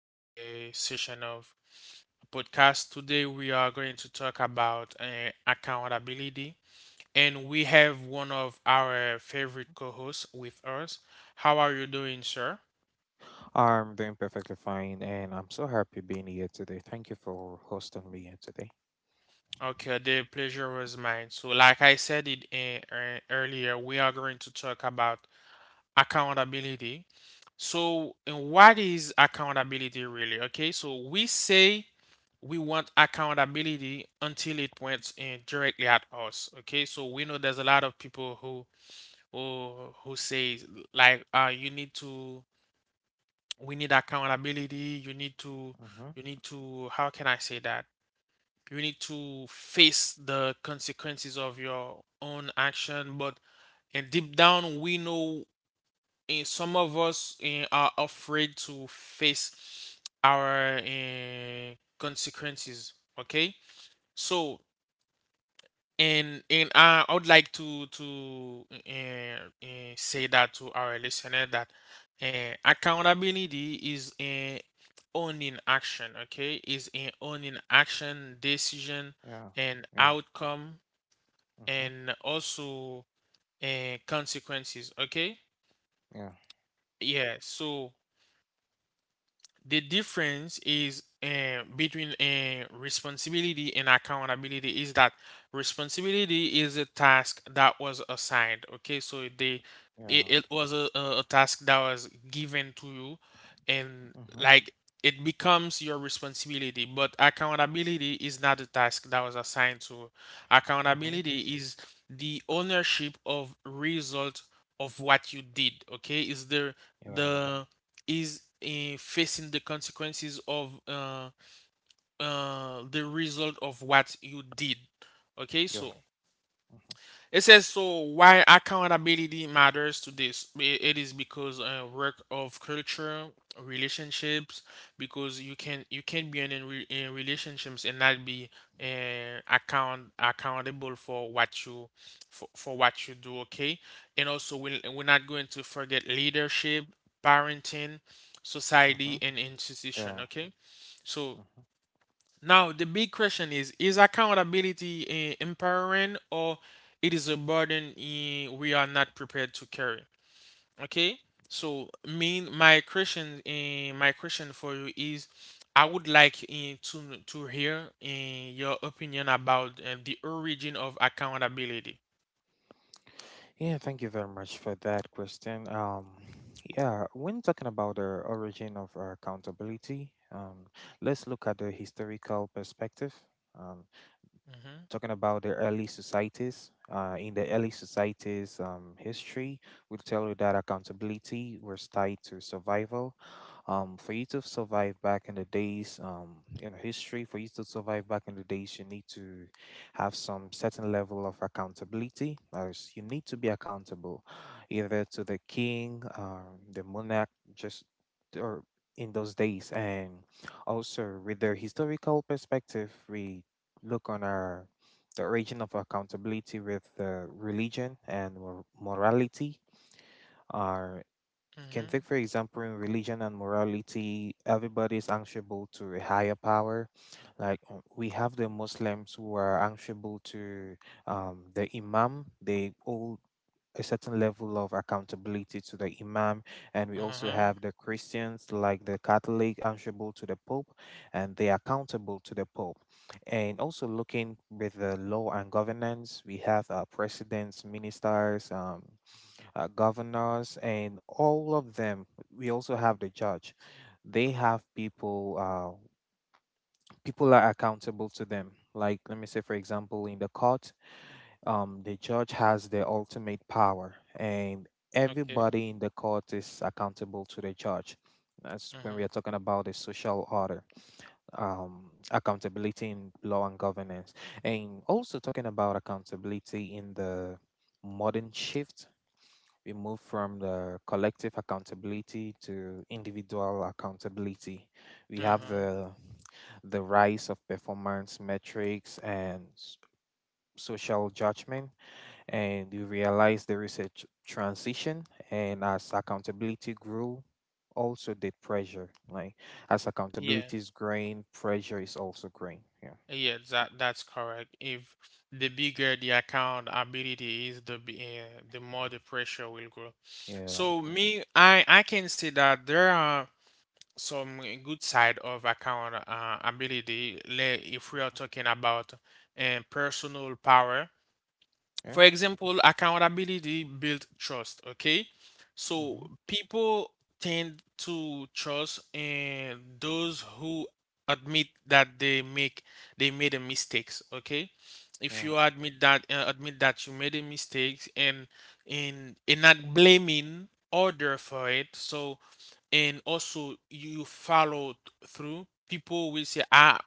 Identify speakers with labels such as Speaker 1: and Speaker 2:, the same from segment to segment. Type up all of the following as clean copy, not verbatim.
Speaker 1: to the session of podcast. Today, we are going to talk about accountability, and we have one of our favorite co-hosts with us. How are you doing, sir?
Speaker 2: I'm doing perfectly fine, and I'm so happy being here today. Thank you for hosting me here today.
Speaker 1: Okay, the pleasure was mine. So, like I said it earlier, we are going to talk about accountability. So, what is accountability really? Okay, so we say we want accountability until it points in directly at us. Okay, so we know there's a lot of people who who say like you need to, we need accountability, you need to,
Speaker 2: Mm-hmm.
Speaker 1: you need to, how can I say that, you need to face the consequences of your own action. But and deep down we know, some of us are afraid to face our consequences. Okay, so And I would like to say that to our listener that accountability is owning action. Okay, is owning action, decision,
Speaker 2: Yeah.
Speaker 1: and
Speaker 2: Yeah.
Speaker 1: outcome,
Speaker 2: Mm-hmm.
Speaker 1: and also consequences. Okay,
Speaker 2: Yeah.
Speaker 1: yeah. So the difference is between responsibility and accountability is that responsibility is a task that was assigned. Okay, so they, it,
Speaker 2: Yeah.
Speaker 1: it was a, a task that was given to you, and
Speaker 2: Mm-hmm.
Speaker 1: like it becomes your responsibility. But accountability is not a task that was assigned to you.
Speaker 2: Mm-hmm.
Speaker 1: Accountability is the ownership of result of what you did. Okay, is the
Speaker 2: Yeah.
Speaker 1: the is facing the consequences of the result of what you did. Okay,
Speaker 2: Yeah.
Speaker 1: so
Speaker 2: Mm-hmm.
Speaker 1: it says, so why accountability matters to this. It is because work of culture, relationships, because you can, you can be in relationships and not be accountable for what you, for what you do. Okay, and also we, we're not going to forget leadership, parenting, society,
Speaker 2: Mm-hmm.
Speaker 1: and institution.
Speaker 2: Yeah.
Speaker 1: Okay, so
Speaker 2: Mm-hmm.
Speaker 1: now, the big question is accountability empowering, or it is a burden we are not prepared to carry? Okay? So, mean my question, my question for you is, I would like to hear your opinion about the origin of accountability.
Speaker 2: Yeah. Thank you very much for that question. Yeah. When talking about the origin of our accountability, let's look at the historical perspective. um.
Speaker 1: Mhm.
Speaker 2: Talking about the early societies. In the early societies' history, we tell you that accountability was tied to survival. For you to survive back in the days, in history, for you to survive back in the days, you need to have some certain level of accountability. As you need to be accountable, either to the king, the monarch, just or in those days, and also with the historical perspective, we look on our the origin of accountability with religion and morality are you can think,
Speaker 1: Mhm.
Speaker 2: for example, in religion and morality everybody is answerable to a higher power. Like we have the Muslims who are answerable to the imam. They all a certain level of accountability to the imam, and we also
Speaker 1: Uh-huh.
Speaker 2: have the Christians, like the Catholic, answerable to the Pope, and they are accountable to the Pope. And also, looking with the law and governance, we have presidents, ministers, governors, and all of them. We also have the judge. They have people, people are accountable to them. Like, let me say, for example, in the court, the judge has the ultimate power, and
Speaker 1: Okay.
Speaker 2: everybody in the court is accountable to the judge. That's when we
Speaker 1: Mhm.
Speaker 2: are talking about the social order, accountability in law and governance, and also talking about accountability in the modern shift. We move from the collective accountability to individual accountability. We have
Speaker 1: Uh-huh.
Speaker 2: the rise of performance metrics and social judgment, and you realize there is a transition. And as accountability grew, also the pressure. Like, as
Speaker 1: Yeah.
Speaker 2: accountability is growing, pressure is also growing. Yeah.
Speaker 1: Yeah, that that's correct. If the bigger the account ability is, the the more the pressure will grow.
Speaker 2: Yeah.
Speaker 1: So me, I can say that there are some good side of account ability. If we are talking about personal power,
Speaker 2: Yeah.
Speaker 1: for example, accountability built trust, okay? So
Speaker 2: Mhm.
Speaker 1: people tend to trust in those who admit that they made a mistakes, okay? If
Speaker 2: Yeah.
Speaker 1: you admit that you made a mistake and in not blaming other for it, so and also you follow through, people will say, ah,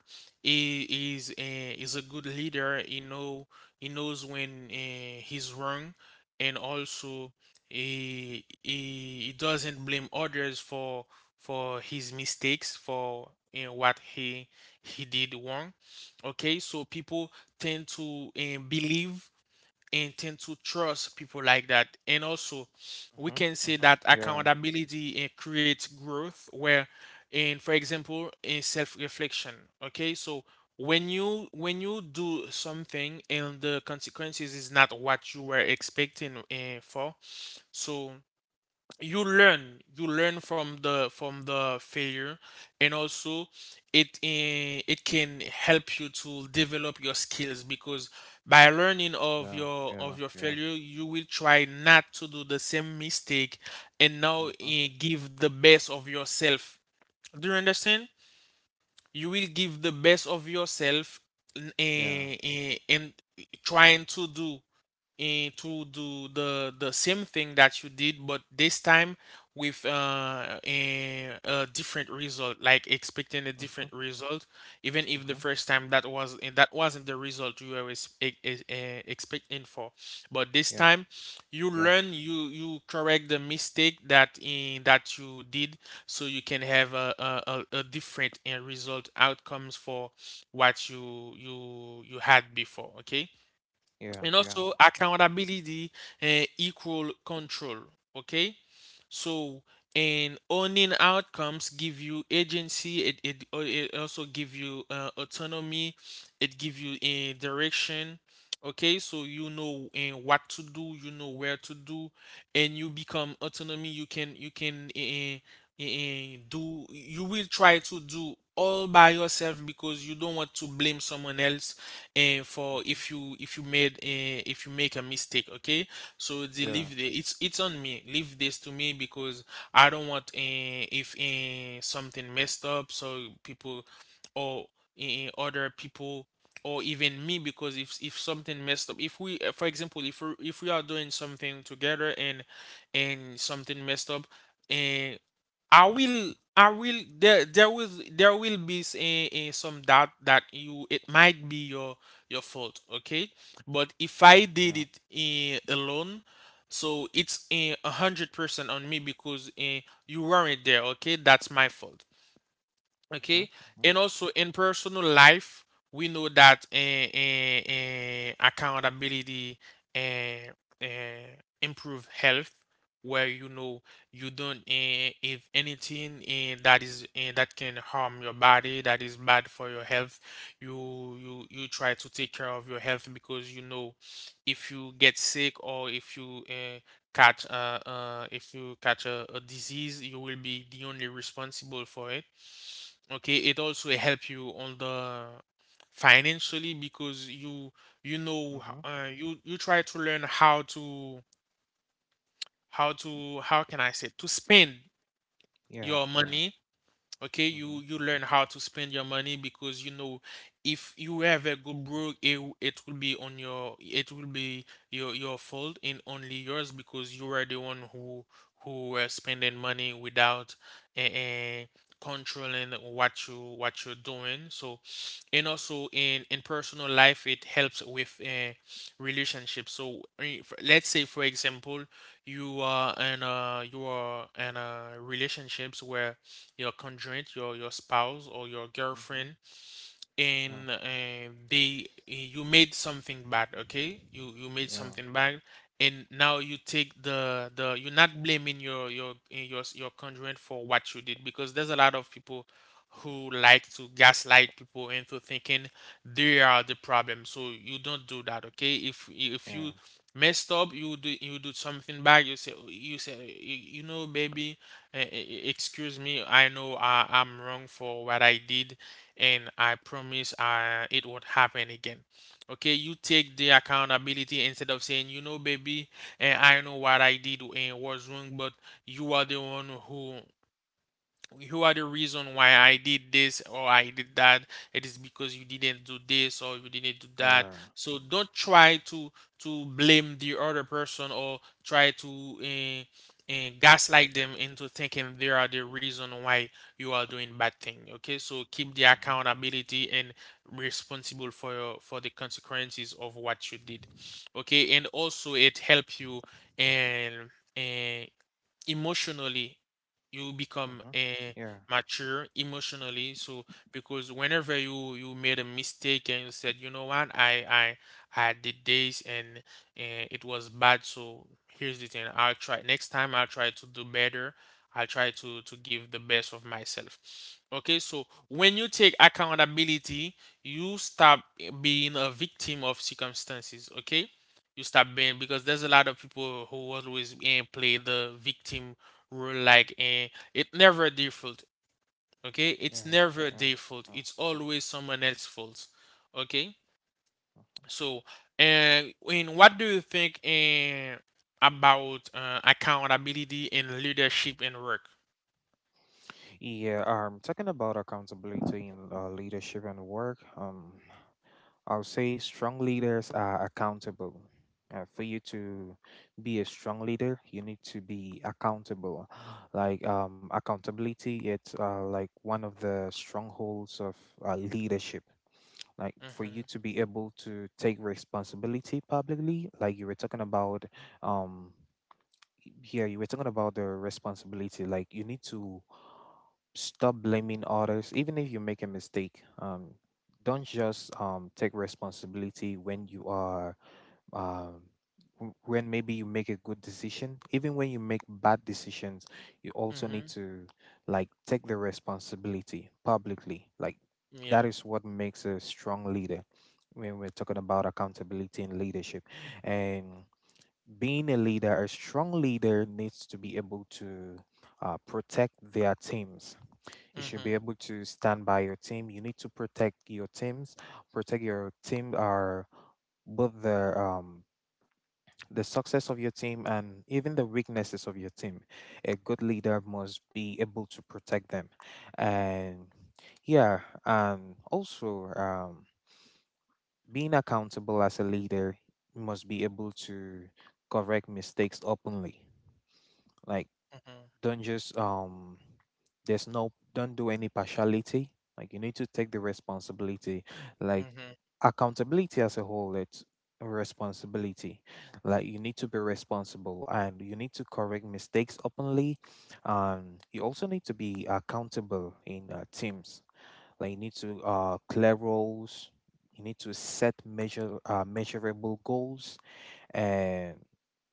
Speaker 1: he is a good leader, he knows when he's wrong. And also, he doesn't blame others for his mistakes, for what he did wrong. Okay, so people tend to believe and tend to trust people like that. And also, we
Speaker 2: Mm-hmm. Yeah.
Speaker 1: can
Speaker 2: Mm-hmm.
Speaker 1: say that
Speaker 2: Mm-hmm. Yeah. Yeah.
Speaker 1: accountability creates growth, where, in for example, in self-reflection. Okay, so when you do something and the consequences is not what you were expecting for, so you learn from the failure. And also, it it can help you to develop your skills because by learning of
Speaker 2: Yeah.
Speaker 1: your, of your
Speaker 2: Yeah.
Speaker 1: failure, you will try not to do the same mistake, and now
Speaker 2: Mm-hmm.
Speaker 1: give the best of yourself. Do you understand? You will give the best of yourself
Speaker 2: Yeah.
Speaker 1: in trying to do, and to do the same thing that you did, but this time with a different result, like expecting a
Speaker 2: Mm-hmm.
Speaker 1: different result, even if the
Speaker 2: Mm-hmm.
Speaker 1: first time that was that wasn't the result you were expecting for. But this
Speaker 2: Yeah.
Speaker 1: time you
Speaker 2: Yeah.
Speaker 1: learn, you correct the mistake that you did. So you can have a different result outcomes for what you had before. Okay,
Speaker 2: Yeah.
Speaker 1: and
Speaker 2: Yeah.
Speaker 1: also accountability and equal control. Okay, so, and owning outcomes give you agency. It it also give you autonomy. It give you a direction. Okay, so you know what to do. You know where to do, and you become autonomy. You can do. You will try to do all by yourself because you don't want to blame someone else for
Speaker 2: Mhm.
Speaker 1: if you, if you made if you make a mistake. Okay, so they
Speaker 2: Yeah.
Speaker 1: leave the, it's on me. Leave this to me because I don't want, eh, if eh, something messed up, so people or other people or even me. Because if something messed up, if we for example, if we are doing something together and something messed up and, I will, there, there will be some doubt that you, it might be your fault, okay? But if
Speaker 2: Yeah.
Speaker 1: I
Speaker 2: Yeah.
Speaker 1: did it alone, so it's 100% on me, because you weren't there, okay? That's my fault. Okay,
Speaker 2: Mm-hmm.
Speaker 1: and also in personal life, we know that accountability eh, eh, improve health, where you know, you don't if anything that is that can harm your body, that is bad for your health, you try to take care of your health, because you know if you get sick, or if you eh, catch if you catch a disease, you will be the only responsible for it. Okay, it also help you on the financially, because you know
Speaker 2: Mm-hmm. Mm-hmm.
Speaker 1: you try to learn how to, how to, how can I say, to spend
Speaker 2: Yeah.
Speaker 1: your
Speaker 2: Yeah.
Speaker 1: money. Okay,
Speaker 2: Mhm.
Speaker 1: you learn how to spend your money, because you know if you have a good broke it, it will be on your, it will be your fault and only yours, because you are the one who were spending money without uh, controlling what you, what you're doing. So and also in personal life, it helps with relationships. So let's say for example, you are in a, you are in a relationships where your conjoint, your spouse or your
Speaker 2: Mm-hmm.
Speaker 1: girlfriend,
Speaker 2: Oh,
Speaker 1: and they, you made something bad. Okay, you made
Speaker 2: yeah,
Speaker 1: something bad, and now you take the, you're not blaming your your conjoint for what you did, because there's a lot of people who like to gaslight people into thinking they are the problem. So you don't do that, okay? If you
Speaker 2: yeah,
Speaker 1: messed up, you do, you do something bad, you say, you say, you know, baby, eh, eh, excuse me, I know I, I'm wrong for what I did, and I promise it won't happen again. Okay, you take the accountability instead of saying, you know, baby, and I know what I did and what's wrong, but you are the one who, you are the reason why I did this or I did that. It is because you didn't do this or you didn't do
Speaker 2: yeah.
Speaker 1: that. So don't try to blame the other person, or try to gaslight them into thinking they are the reason why you are doing bad thing. Okay, so keep the
Speaker 2: Mm-hmm.
Speaker 1: accountability and responsible for your, for the consequences of what you did. Okay, and also it help you and uh, emotionally, you become
Speaker 2: Mm-hmm. Yeah,
Speaker 1: mature emotionally. So because whenever you made a mistake and you said, you know what, I did this, and it was bad. So here's the thing, I'll try next time, I'll try to do better, I'll try to give the best of myself. Okay, so when you take accountability, you stop being a victim of circumstances. Okay, you stop being, because there's a lot of people who always play the victim role, like, and it never their fault. Okay, it's
Speaker 2: yeah,
Speaker 1: never
Speaker 2: yeah.
Speaker 1: their fault,
Speaker 2: uh.
Speaker 1: it's always someone else's fault. Okay, so and in, what do you think about accountability and leadership in work?
Speaker 2: Yeah. Talking about accountability in leadership and work. I'll say strong leaders are accountable. For you to be a strong leader, you need to be accountable. Like, accountability, it's, like, one of the strongholds of leadership. Like, for you
Speaker 1: Hmm.
Speaker 2: to be able to take responsibility publicly, like you were talking about, um, yeah, you were talking about the responsibility. Like, you need to stop blaming others, even if you make a mistake. Don't just take responsibility when you are, um when maybe you make a good decision. Even when you make bad decisions, you also need
Speaker 1: Hmm.
Speaker 2: to, like, take the responsibility publicly. Like,
Speaker 1: Yeah.
Speaker 2: that is what makes a strong leader. When we're talking about accountability and leadership, and being a leader, a strong leader needs to be able to protect their teams. You should be
Speaker 1: Hmm.
Speaker 2: able to stand by your team. You need to protect your teams, protect your team, are both the, the success of your team and even the weaknesses of your team. A good leader must be able to protect them, and, yeah, and also being accountable as a leader must be able to correct mistakes openly. Like,
Speaker 1: Mhm.
Speaker 2: don't just, there's no, don't do any partiality. Like, you need to take the responsibility. Like,
Speaker 1: Mhm.
Speaker 2: accountability as a whole, it's a responsibility. Like, you need to be responsible and you need to correct mistakes openly. And you also need to be accountable in, teams. Like, you need to clear roles. You need to set measure measurable goals, and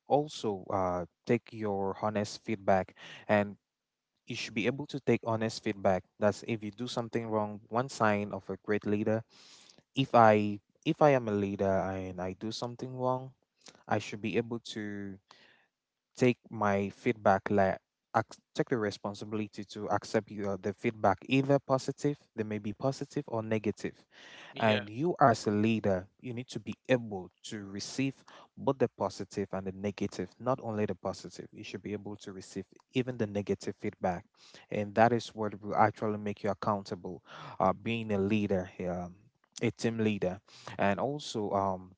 Speaker 2: also take your honest feedback, and you should be able to take honest feedback. That's, if you do something wrong, one sign of a great leader. If I am a leader and I do something wrong, I should be able to take my feedback. Like, take the responsibility to accept the feedback, either positive, they may be positive or negative.
Speaker 1: Yeah,
Speaker 2: And you, as a leader, you need to be able to receive both the positive and the negative, not only the positive. You should be able to receive even the negative feedback. And that is what will actually make you accountable, being a leader, a team leader. And also,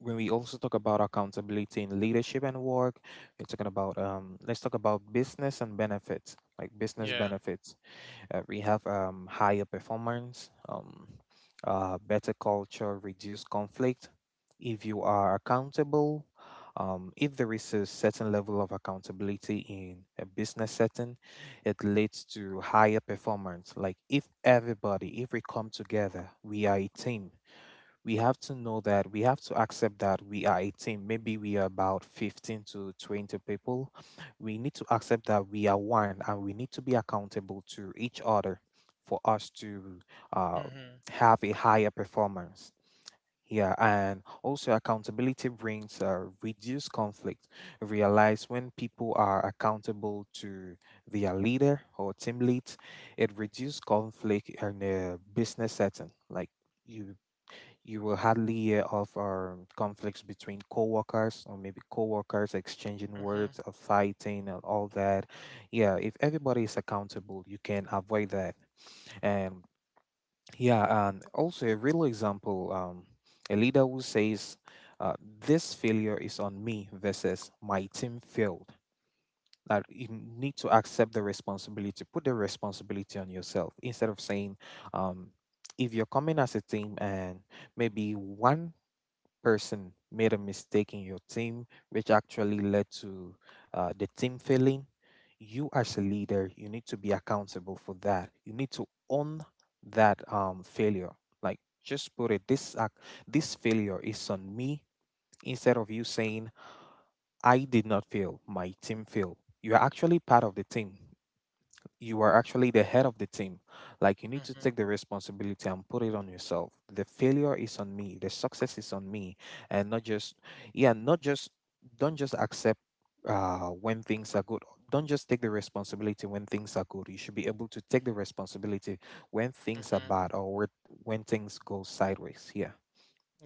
Speaker 2: when we also talk about accountability in leadership and work, we're talking about, let's talk about business and benefits, like business
Speaker 1: yeah.
Speaker 2: benefits. We have, higher performance, better culture, reduced conflict. If you are accountable, if there is a certain level of accountability in a business setting, it leads to higher performance. Like, if everybody, if we come together, we are a team. We have to know that, we have to accept that we are a team. Maybe we are about 15 to 20 people. We need to accept that we are one, and we need to be accountable to each other for us to uh,
Speaker 1: Mhm,
Speaker 2: have a higher performance. Yeah, and also accountability brings reduced conflict. Realize, when people are accountable to their leader or team lead, it reduces conflict in a business setting. Like, you you will hardly hear of, conflicts between coworkers, or maybe coworkers exchanging
Speaker 1: mhm,
Speaker 2: words or fighting and all that. Yeah, if everybody is accountable, you can avoid that. And, yeah, and also a real example. A leader who says, "This failure is on me," versus, "My team failed." That, you need to accept the responsibility, put the responsibility on yourself instead of saying, um, if you're coming as a team, and maybe one person made a mistake in your team, which actually led to the team failing, you, as a leader, you need to be accountable for that. You need to own that, failure. Like, just put it this act, this failure is on me, instead of you saying, "I did not fail, my team failed." You are actually part of the team, you are actually the head of the team. Like, you need to
Speaker 1: mhm,
Speaker 2: take the responsibility and put it on yourself. The failure is on me. The success is on me, and not just, yeah, not just, don't just accept when things are good. Don't just take the responsibility when things are good. You should be able to take the responsibility when things are
Speaker 1: mhm.
Speaker 2: bad, or when things go sideways. Yeah.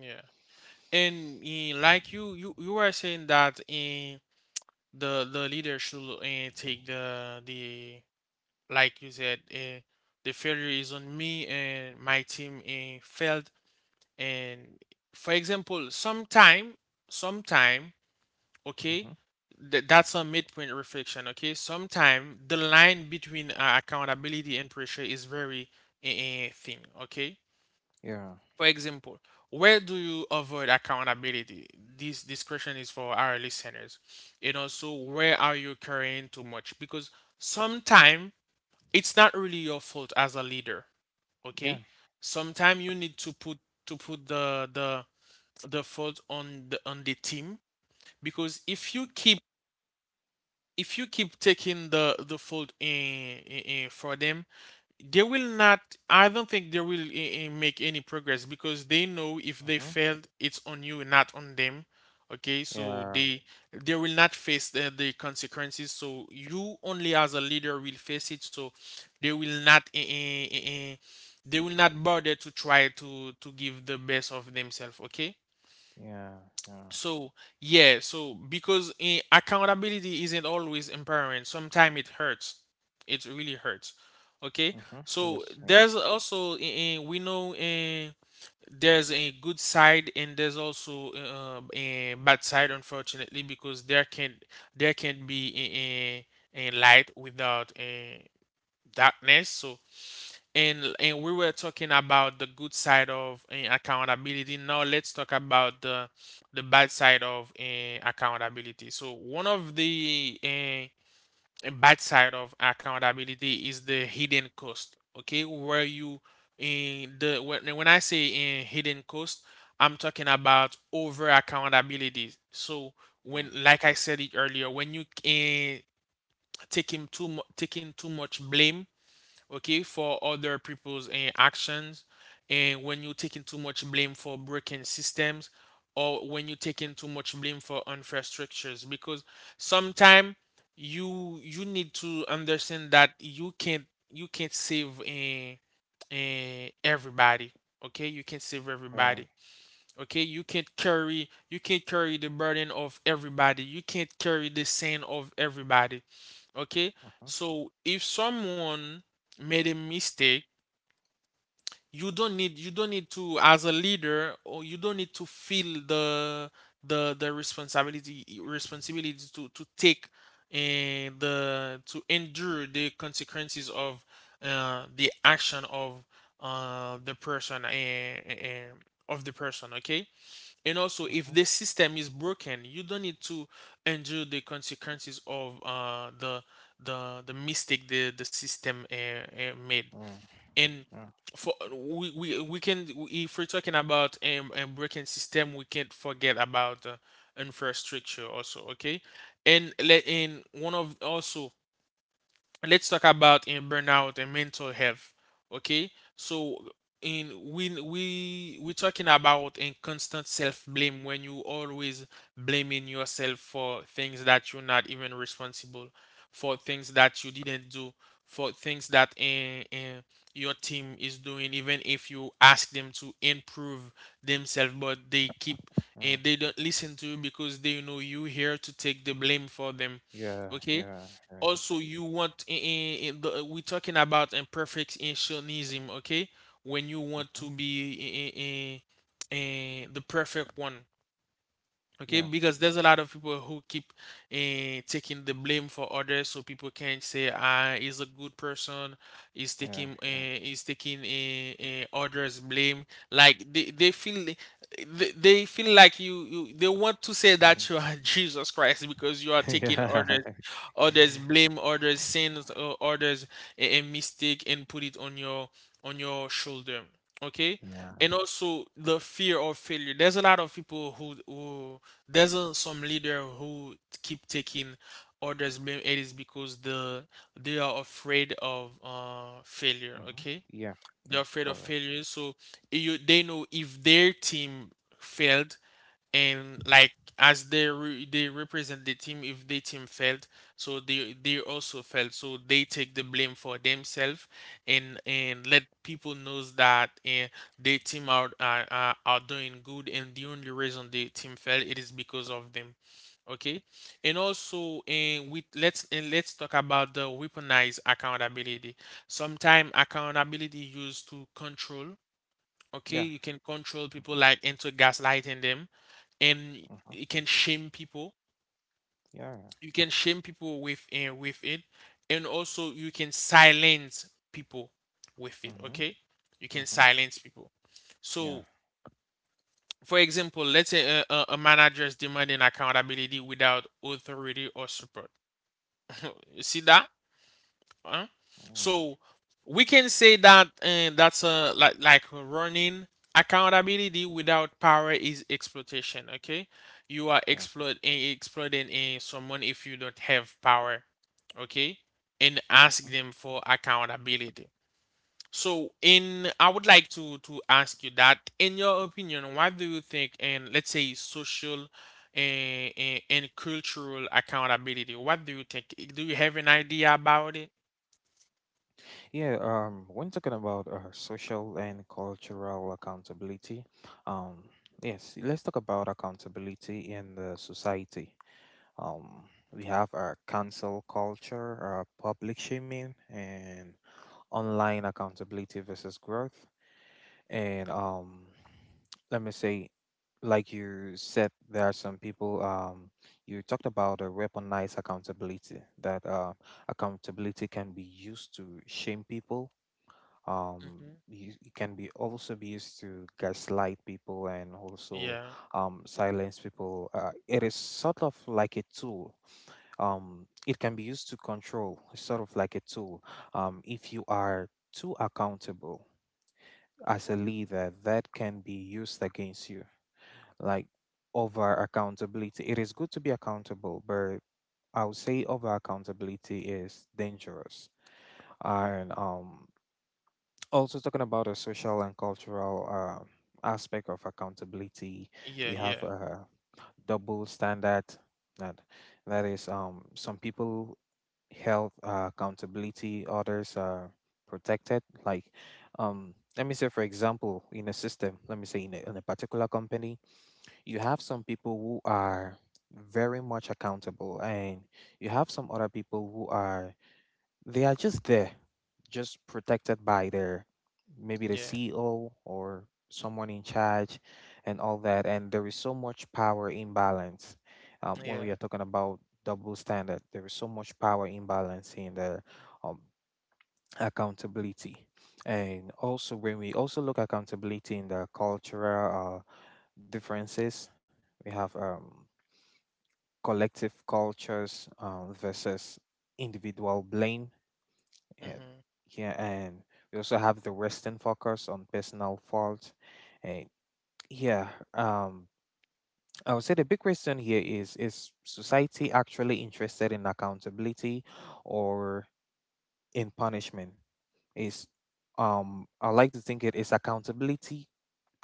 Speaker 1: Yeah. And like you are saying that in the leader should take the, like you said, the failure is on me and my team failed. And for example, sometime okay.
Speaker 2: Mm-hmm.
Speaker 1: That's a midpoint reflection. Okay, sometimes the line between accountability and pressure is very thin, okay?
Speaker 2: Yeah.
Speaker 1: For example, where do you avoid accountability? This question is for our listeners, and also where are you carrying too much? Because sometimes it's not really your fault as a leader,
Speaker 2: Yeah.
Speaker 1: okay? Sometimes you need to put the the fault on the team, because if you keep taking the fault in for them, they will not. I don't think they will make any progress, because they know if they
Speaker 2: Mm-hmm.
Speaker 1: failed, it's on you, and not on them. Okay, so
Speaker 2: Yeah.
Speaker 1: they will not face the consequences. So you only as a leader will face it. So they will not. Eh, they will not bother to try to give the best of themselves. Okay.
Speaker 2: Yeah. Yeah.
Speaker 1: So, yeah, so because accountability isn't always empowering, sometimes it hurts. It really hurts. Okay?
Speaker 2: Mm-hmm.
Speaker 1: So,
Speaker 2: Yes. Yes.
Speaker 1: there's also, we know there's a good side and there's also a bad side, unfortunately, because there can be a light without a darkness. So, and we were talking about the good side of accountability. Now let's talk about the bad side of accountability. So one of the bad side of accountability is the hidden cost. Okay, where you in the when I say in hidden cost, I'm talking about over accountability. So
Speaker 2: Yeah.
Speaker 1: when, like I said it earlier, when you taking too taking too much blame, okay, for other people's actions. And when you're taking too much blame for broken systems, or when you're taking too much blame for unfair structures, because sometimes you need to understand that you can't save everybody. Okay, you can't save
Speaker 2: Yeah.
Speaker 1: everybody. Okay, you can't carry the burden of everybody. You can't carry the sin of everybody. Okay?
Speaker 2: Mm-hmm.
Speaker 1: So if someone made a mistake, you don't need to, as a leader, or you don't need to feel the the responsibility to take the to endure the consequences of the action of the person of the person, okay? And also,
Speaker 2: Mm-hmm.
Speaker 1: if the system is broken, you don't need to endure the consequences of the the mistake the system made.
Speaker 2: Yeah.
Speaker 1: And
Speaker 2: Yeah.
Speaker 1: for we can, if we're talking about a broken system, we can't forget about infrastructure also. Okay, and let in one of also let's talk about in burnout and mental health, okay? So in when we're talking about in constant self-blame, when you always blaming yourself for things that you're not even responsible, for things that you didn't do, for things that your team is doing, even if you ask them to improve themselves but they keep,
Speaker 2: Oh,
Speaker 1: and they don't listen to you because they know you here to take the blame for them,
Speaker 2: yeah,
Speaker 1: okay.
Speaker 2: yeah, yeah.
Speaker 1: Also you want in the, we're talking about imperfectionism, okay, when you want
Speaker 2: Mm-hmm.
Speaker 1: to be in, in, in the perfect one, okay,
Speaker 2: Yeah,
Speaker 1: because there's a lot of people who keep taking the blame for others, so people can say, ah, he's a good person, he's
Speaker 2: yeah,
Speaker 1: taking
Speaker 2: yeah.
Speaker 1: others blame. Like they feel they feel like you they want to say
Speaker 2: Mhm.
Speaker 1: that you are Jesus Christ, because you are taking
Speaker 2: Yeah,
Speaker 1: orders, others blame, others sins, others a mistake, and put it on your shoulder, okay.
Speaker 2: yeah.
Speaker 1: And also the fear of failure. There's a lot of people who there's some leader who keep taking others blame, it is because the they are afraid of failure,
Speaker 2: Mm-hmm.
Speaker 1: okay?
Speaker 2: Yeah,
Speaker 1: They're
Speaker 2: yeah,
Speaker 1: afraid of
Speaker 2: correct.
Speaker 1: failure. So you they know if their team failed, and like as they they represent the team, if the team failed, so they also failed, so they take the blame for themselves, and let people knows that their team are doing good, and the only reason the team failed, it is because of them, okay. And also, and with let's and let's talk about the weaponized accountability. Sometimes accountability used to control, okay.
Speaker 2: Yeah.
Speaker 1: You can control
Speaker 2: Mm-hmm.
Speaker 1: people like into gaslighting them, and
Speaker 2: Mm-hmm.
Speaker 1: it can shame people.
Speaker 2: Yeah.
Speaker 1: You can shame people with it, and also you can silence people with it.
Speaker 2: Mm-hmm.
Speaker 1: Okay, you can
Speaker 2: Mm-hmm.
Speaker 1: silence people.
Speaker 2: Yeah.
Speaker 1: So, for example, let's say a manager is demanding accountability without authority or support. You see that? Huh?
Speaker 2: Mm,
Speaker 1: So we can say that, and that's a like running accountability without power is exploitation. Okay, you are
Speaker 2: yeah.
Speaker 1: exploiting someone if you don't have power. Okay, and
Speaker 2: Mm-hmm.
Speaker 1: ask them for accountability. So in I would like to ask you that, in your opinion, what do you think in, let's say, social and cultural accountability? What do you think? Do you have an idea about it?
Speaker 2: Yeah. When talking about social and cultural accountability, um, yes, let's talk about accountability in the society. Um, we have our cancel culture, public shaming, and online accountability versus growth. And let me say, like you said, there are some people. You talked about a weaponized accountability. That, accountability can be used to shame people. Um,
Speaker 1: Mhm.
Speaker 2: it can be also be used to gaslight people, and also,
Speaker 1: Yeah,
Speaker 2: silence people. It is sort of like a tool. It can be used to control, it's sort of like a tool. If you are too accountable as a leader, that can be used against you. Like, over accountability, it is good to be accountable, but I would say over accountability is dangerous. And, also talking about the social and cultural aspect of accountability, we
Speaker 1: yeah,
Speaker 2: have
Speaker 1: yeah,
Speaker 2: double standard. That that is, some people health, accountability, others are protected. Like, let me say, for example, in a system, let me say, in a particular company, you have some people who are very much accountable, and you have some other people who are, they are just there, just protected by their, maybe the
Speaker 1: yeah,
Speaker 2: CEO or someone in charge, and all that. And there is so much power imbalance, when we are
Speaker 1: yeah.
Speaker 2: talking about double standard. There is so much power imbalance in the, um, accountability. And also, when we also look accountability in the cultural differences, we have, collective cultures versus individual blame, yeah,
Speaker 1: Mm-hmm.
Speaker 2: yeah, and we also have the Western focus on personal fault. And, yeah, um, I would say the big question here is society actually interested in accountability, or in punishment? Is I like to think it is accountability.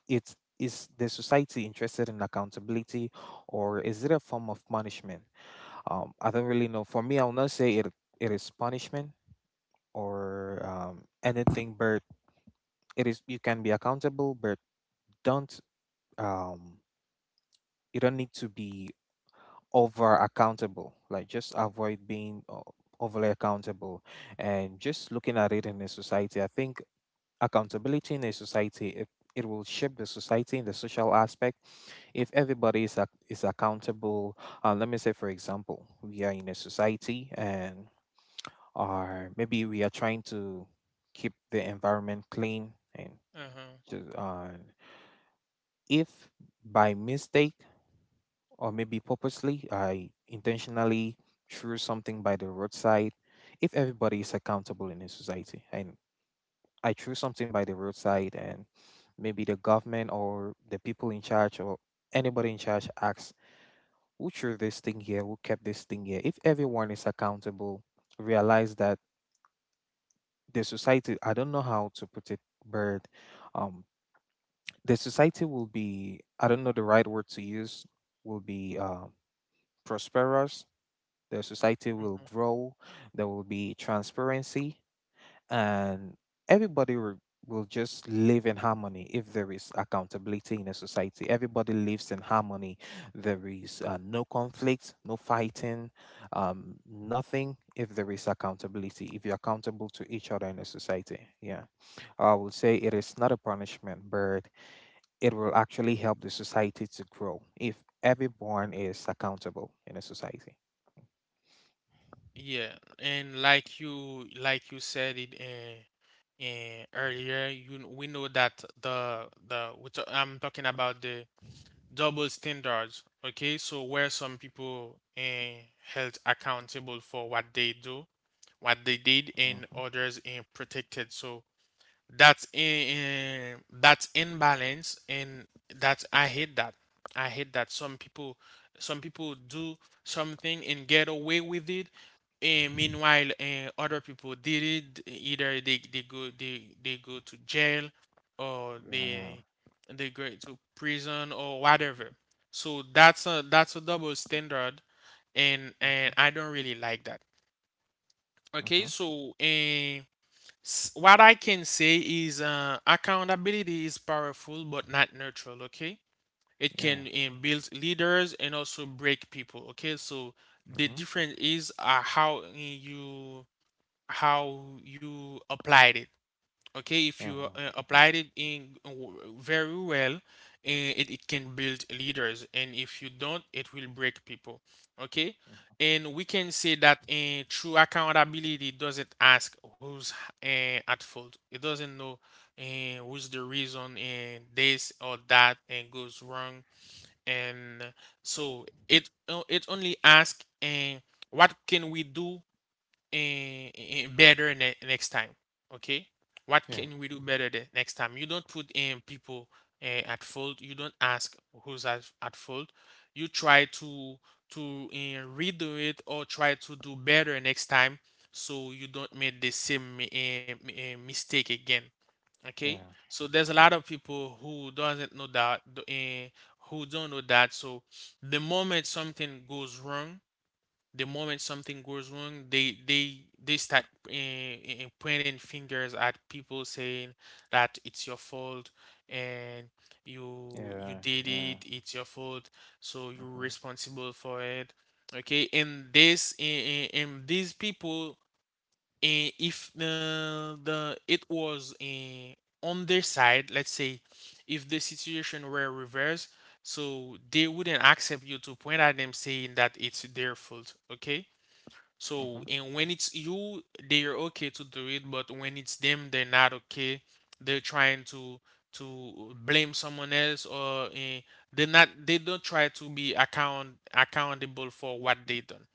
Speaker 2: It is the society interested in accountability, or is it a form of punishment? I don't really know. For me, I'll not say it is punishment or, anything, but it is, you can be accountable, but don't, um you don't need to be over accountable. Like, just avoid being, overly accountable. And just looking at it in a society, I think accountability in a society, it, will shape the society in the social aspect. If everybody is accountable, let me say, for example, we are in a society, and, or maybe we are trying to keep the environment clean and
Speaker 1: Mm-hmm.
Speaker 2: to, if by mistake, or maybe purposely, I intentionally threw something by the roadside, if everybody is accountable in a society, and I threw something by the roadside, and maybe the government, or the people in charge, or anybody in charge asks, "Who threw this thing here, who kept this thing here?" If everyone is accountable, realize that the society, I don't know how to put it, bird. Um the society will be, I don't know the right word to use, will be, prosperous, the society will
Speaker 1: Mm-hmm.
Speaker 2: grow, there will be transparency, and everybody will just live in harmony, if there is accountability in a society. Everybody lives in harmony. There is, no conflict, no fighting, nothing, if there is accountability, if you're accountable to each other in a society. Yeah. I would say it is not a punishment, but it will actually help the society to grow if everyone is accountable in a society.
Speaker 1: Yeah, and like you said it in earlier, you we know that the we I'm talking about the double standards. Okay, so where some people held accountable for what they do, what they did, and
Speaker 2: Mhm.
Speaker 1: others in protected. So that's in that's imbalance, and that's, I hate that. I hate that some people do something and get away with it, and meanwhile other people did it, either they go to jail, or
Speaker 2: Yeah.
Speaker 1: they go to prison or whatever. So that's a double standard, and
Speaker 2: Mhm.
Speaker 1: I don't really like that. Okay,
Speaker 2: Mhm.
Speaker 1: so what I can say is, accountability is powerful but not neutral, okay? It can
Speaker 2: Yeah.
Speaker 1: build leaders and also break people, okay? So the
Speaker 2: Mhm.
Speaker 1: difference is how you how you applied it, okay? If
Speaker 2: Yeah.
Speaker 1: you
Speaker 2: Mhm.
Speaker 1: applied it in very well, it, it can build leaders, and if you don't, it will break people, okay. And we can say that true accountability doesn't ask who's at fault. It doesn't know who's the reason this or that and goes wrong, and so it it only asks what can we do better next time. Okay, what
Speaker 2: Yeah.
Speaker 1: can we do better the next time? You don't put in people at fault. You don't ask who's at fault. You try to redo it, or try to do better next time, so you don't make the same mistake again. Okay,
Speaker 2: Yeah.
Speaker 1: so there's a
Speaker 2: Mhm.
Speaker 1: lot of people who doesn't know that, who don't know that. So the moment something goes wrong the moment something goes wrong, they start pointing fingers at people, saying that it's your fault, and you
Speaker 2: Yeah.
Speaker 1: did it,
Speaker 2: Yeah.
Speaker 1: it's your fault, so you're
Speaker 2: Mhm.
Speaker 1: responsible for it. Okay, and this and these people, if the the it was on their side, let's say, if the situation were reversed, so they wouldn't accept you to point at them saying that it's their fault, okay? So,
Speaker 2: Mhm.
Speaker 1: and when it's you, they're okay to do it, but when it's them, they're not okay. They're trying to blame someone else, or they're not. They don't try to be accountable for what they done.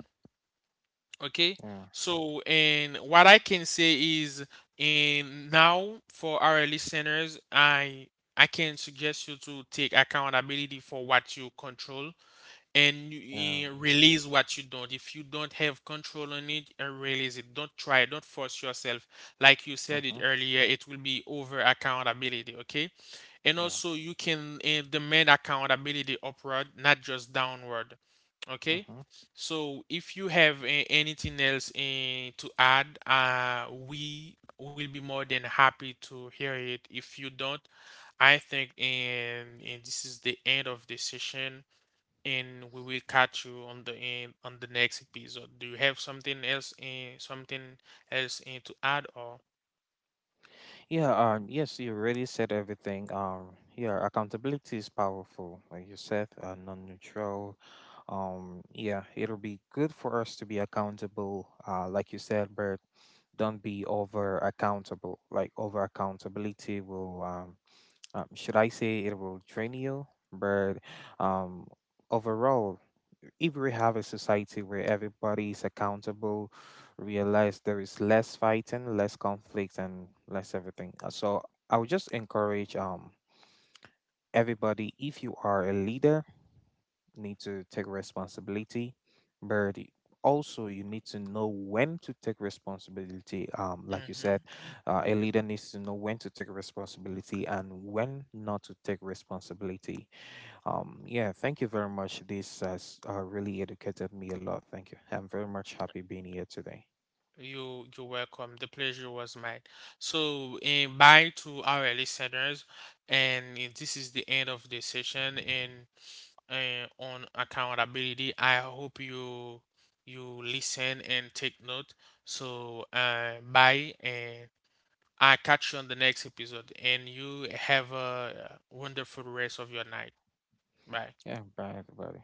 Speaker 1: Okay.
Speaker 2: Yeah.
Speaker 1: So, and what I can say is, and now for our listeners, I can suggest you to take accountability for what you control, and
Speaker 2: Yeah.
Speaker 1: you, release what you don't. If you don't have control on it, release it. Don't try. Don't force yourself. Like you said it
Speaker 2: Mhm.
Speaker 1: earlier, it will be over accountability. Okay, and
Speaker 2: Yeah.
Speaker 1: also you can demand accountability upward, not just downward. Okay.
Speaker 2: Mhm.
Speaker 1: So if you have anything else to add, we will be more than happy to hear it. If you don't, I think and this is the end of the session, and we will catch you on the end on the next episode. Do you have something else in to add, or?
Speaker 2: Yeah. Yes, you already said everything. Yeah. Accountability is powerful, like you said. Non-neutral. Yeah. It'll be good for us to be accountable. Like you said, but don't be over accountable. Like, over accountability will, should I say, it will drain you, but, um, overall, if we have a society where everybody is accountable, realize there is less fighting, less conflict, and less everything. So I would just encourage, everybody, if you are a leader, need to take responsibility, but, also you need to know when to take responsibility. Like you said,
Speaker 1: Mhm.
Speaker 2: a leader needs to know when to take responsibility and when not to take responsibility. Yeah, thank you very much. This has, really educated me a lot. Thank you. I'm very much happy being here today.
Speaker 1: You you're welcome. The pleasure was mine. So, bye to our listeners, and this is the end of the session. And on accountability, I hope you you listen and take note. So, bye and. I catch you on the next episode, and you have a wonderful rest of your night. Bye.
Speaker 2: Yeah, bye everybody.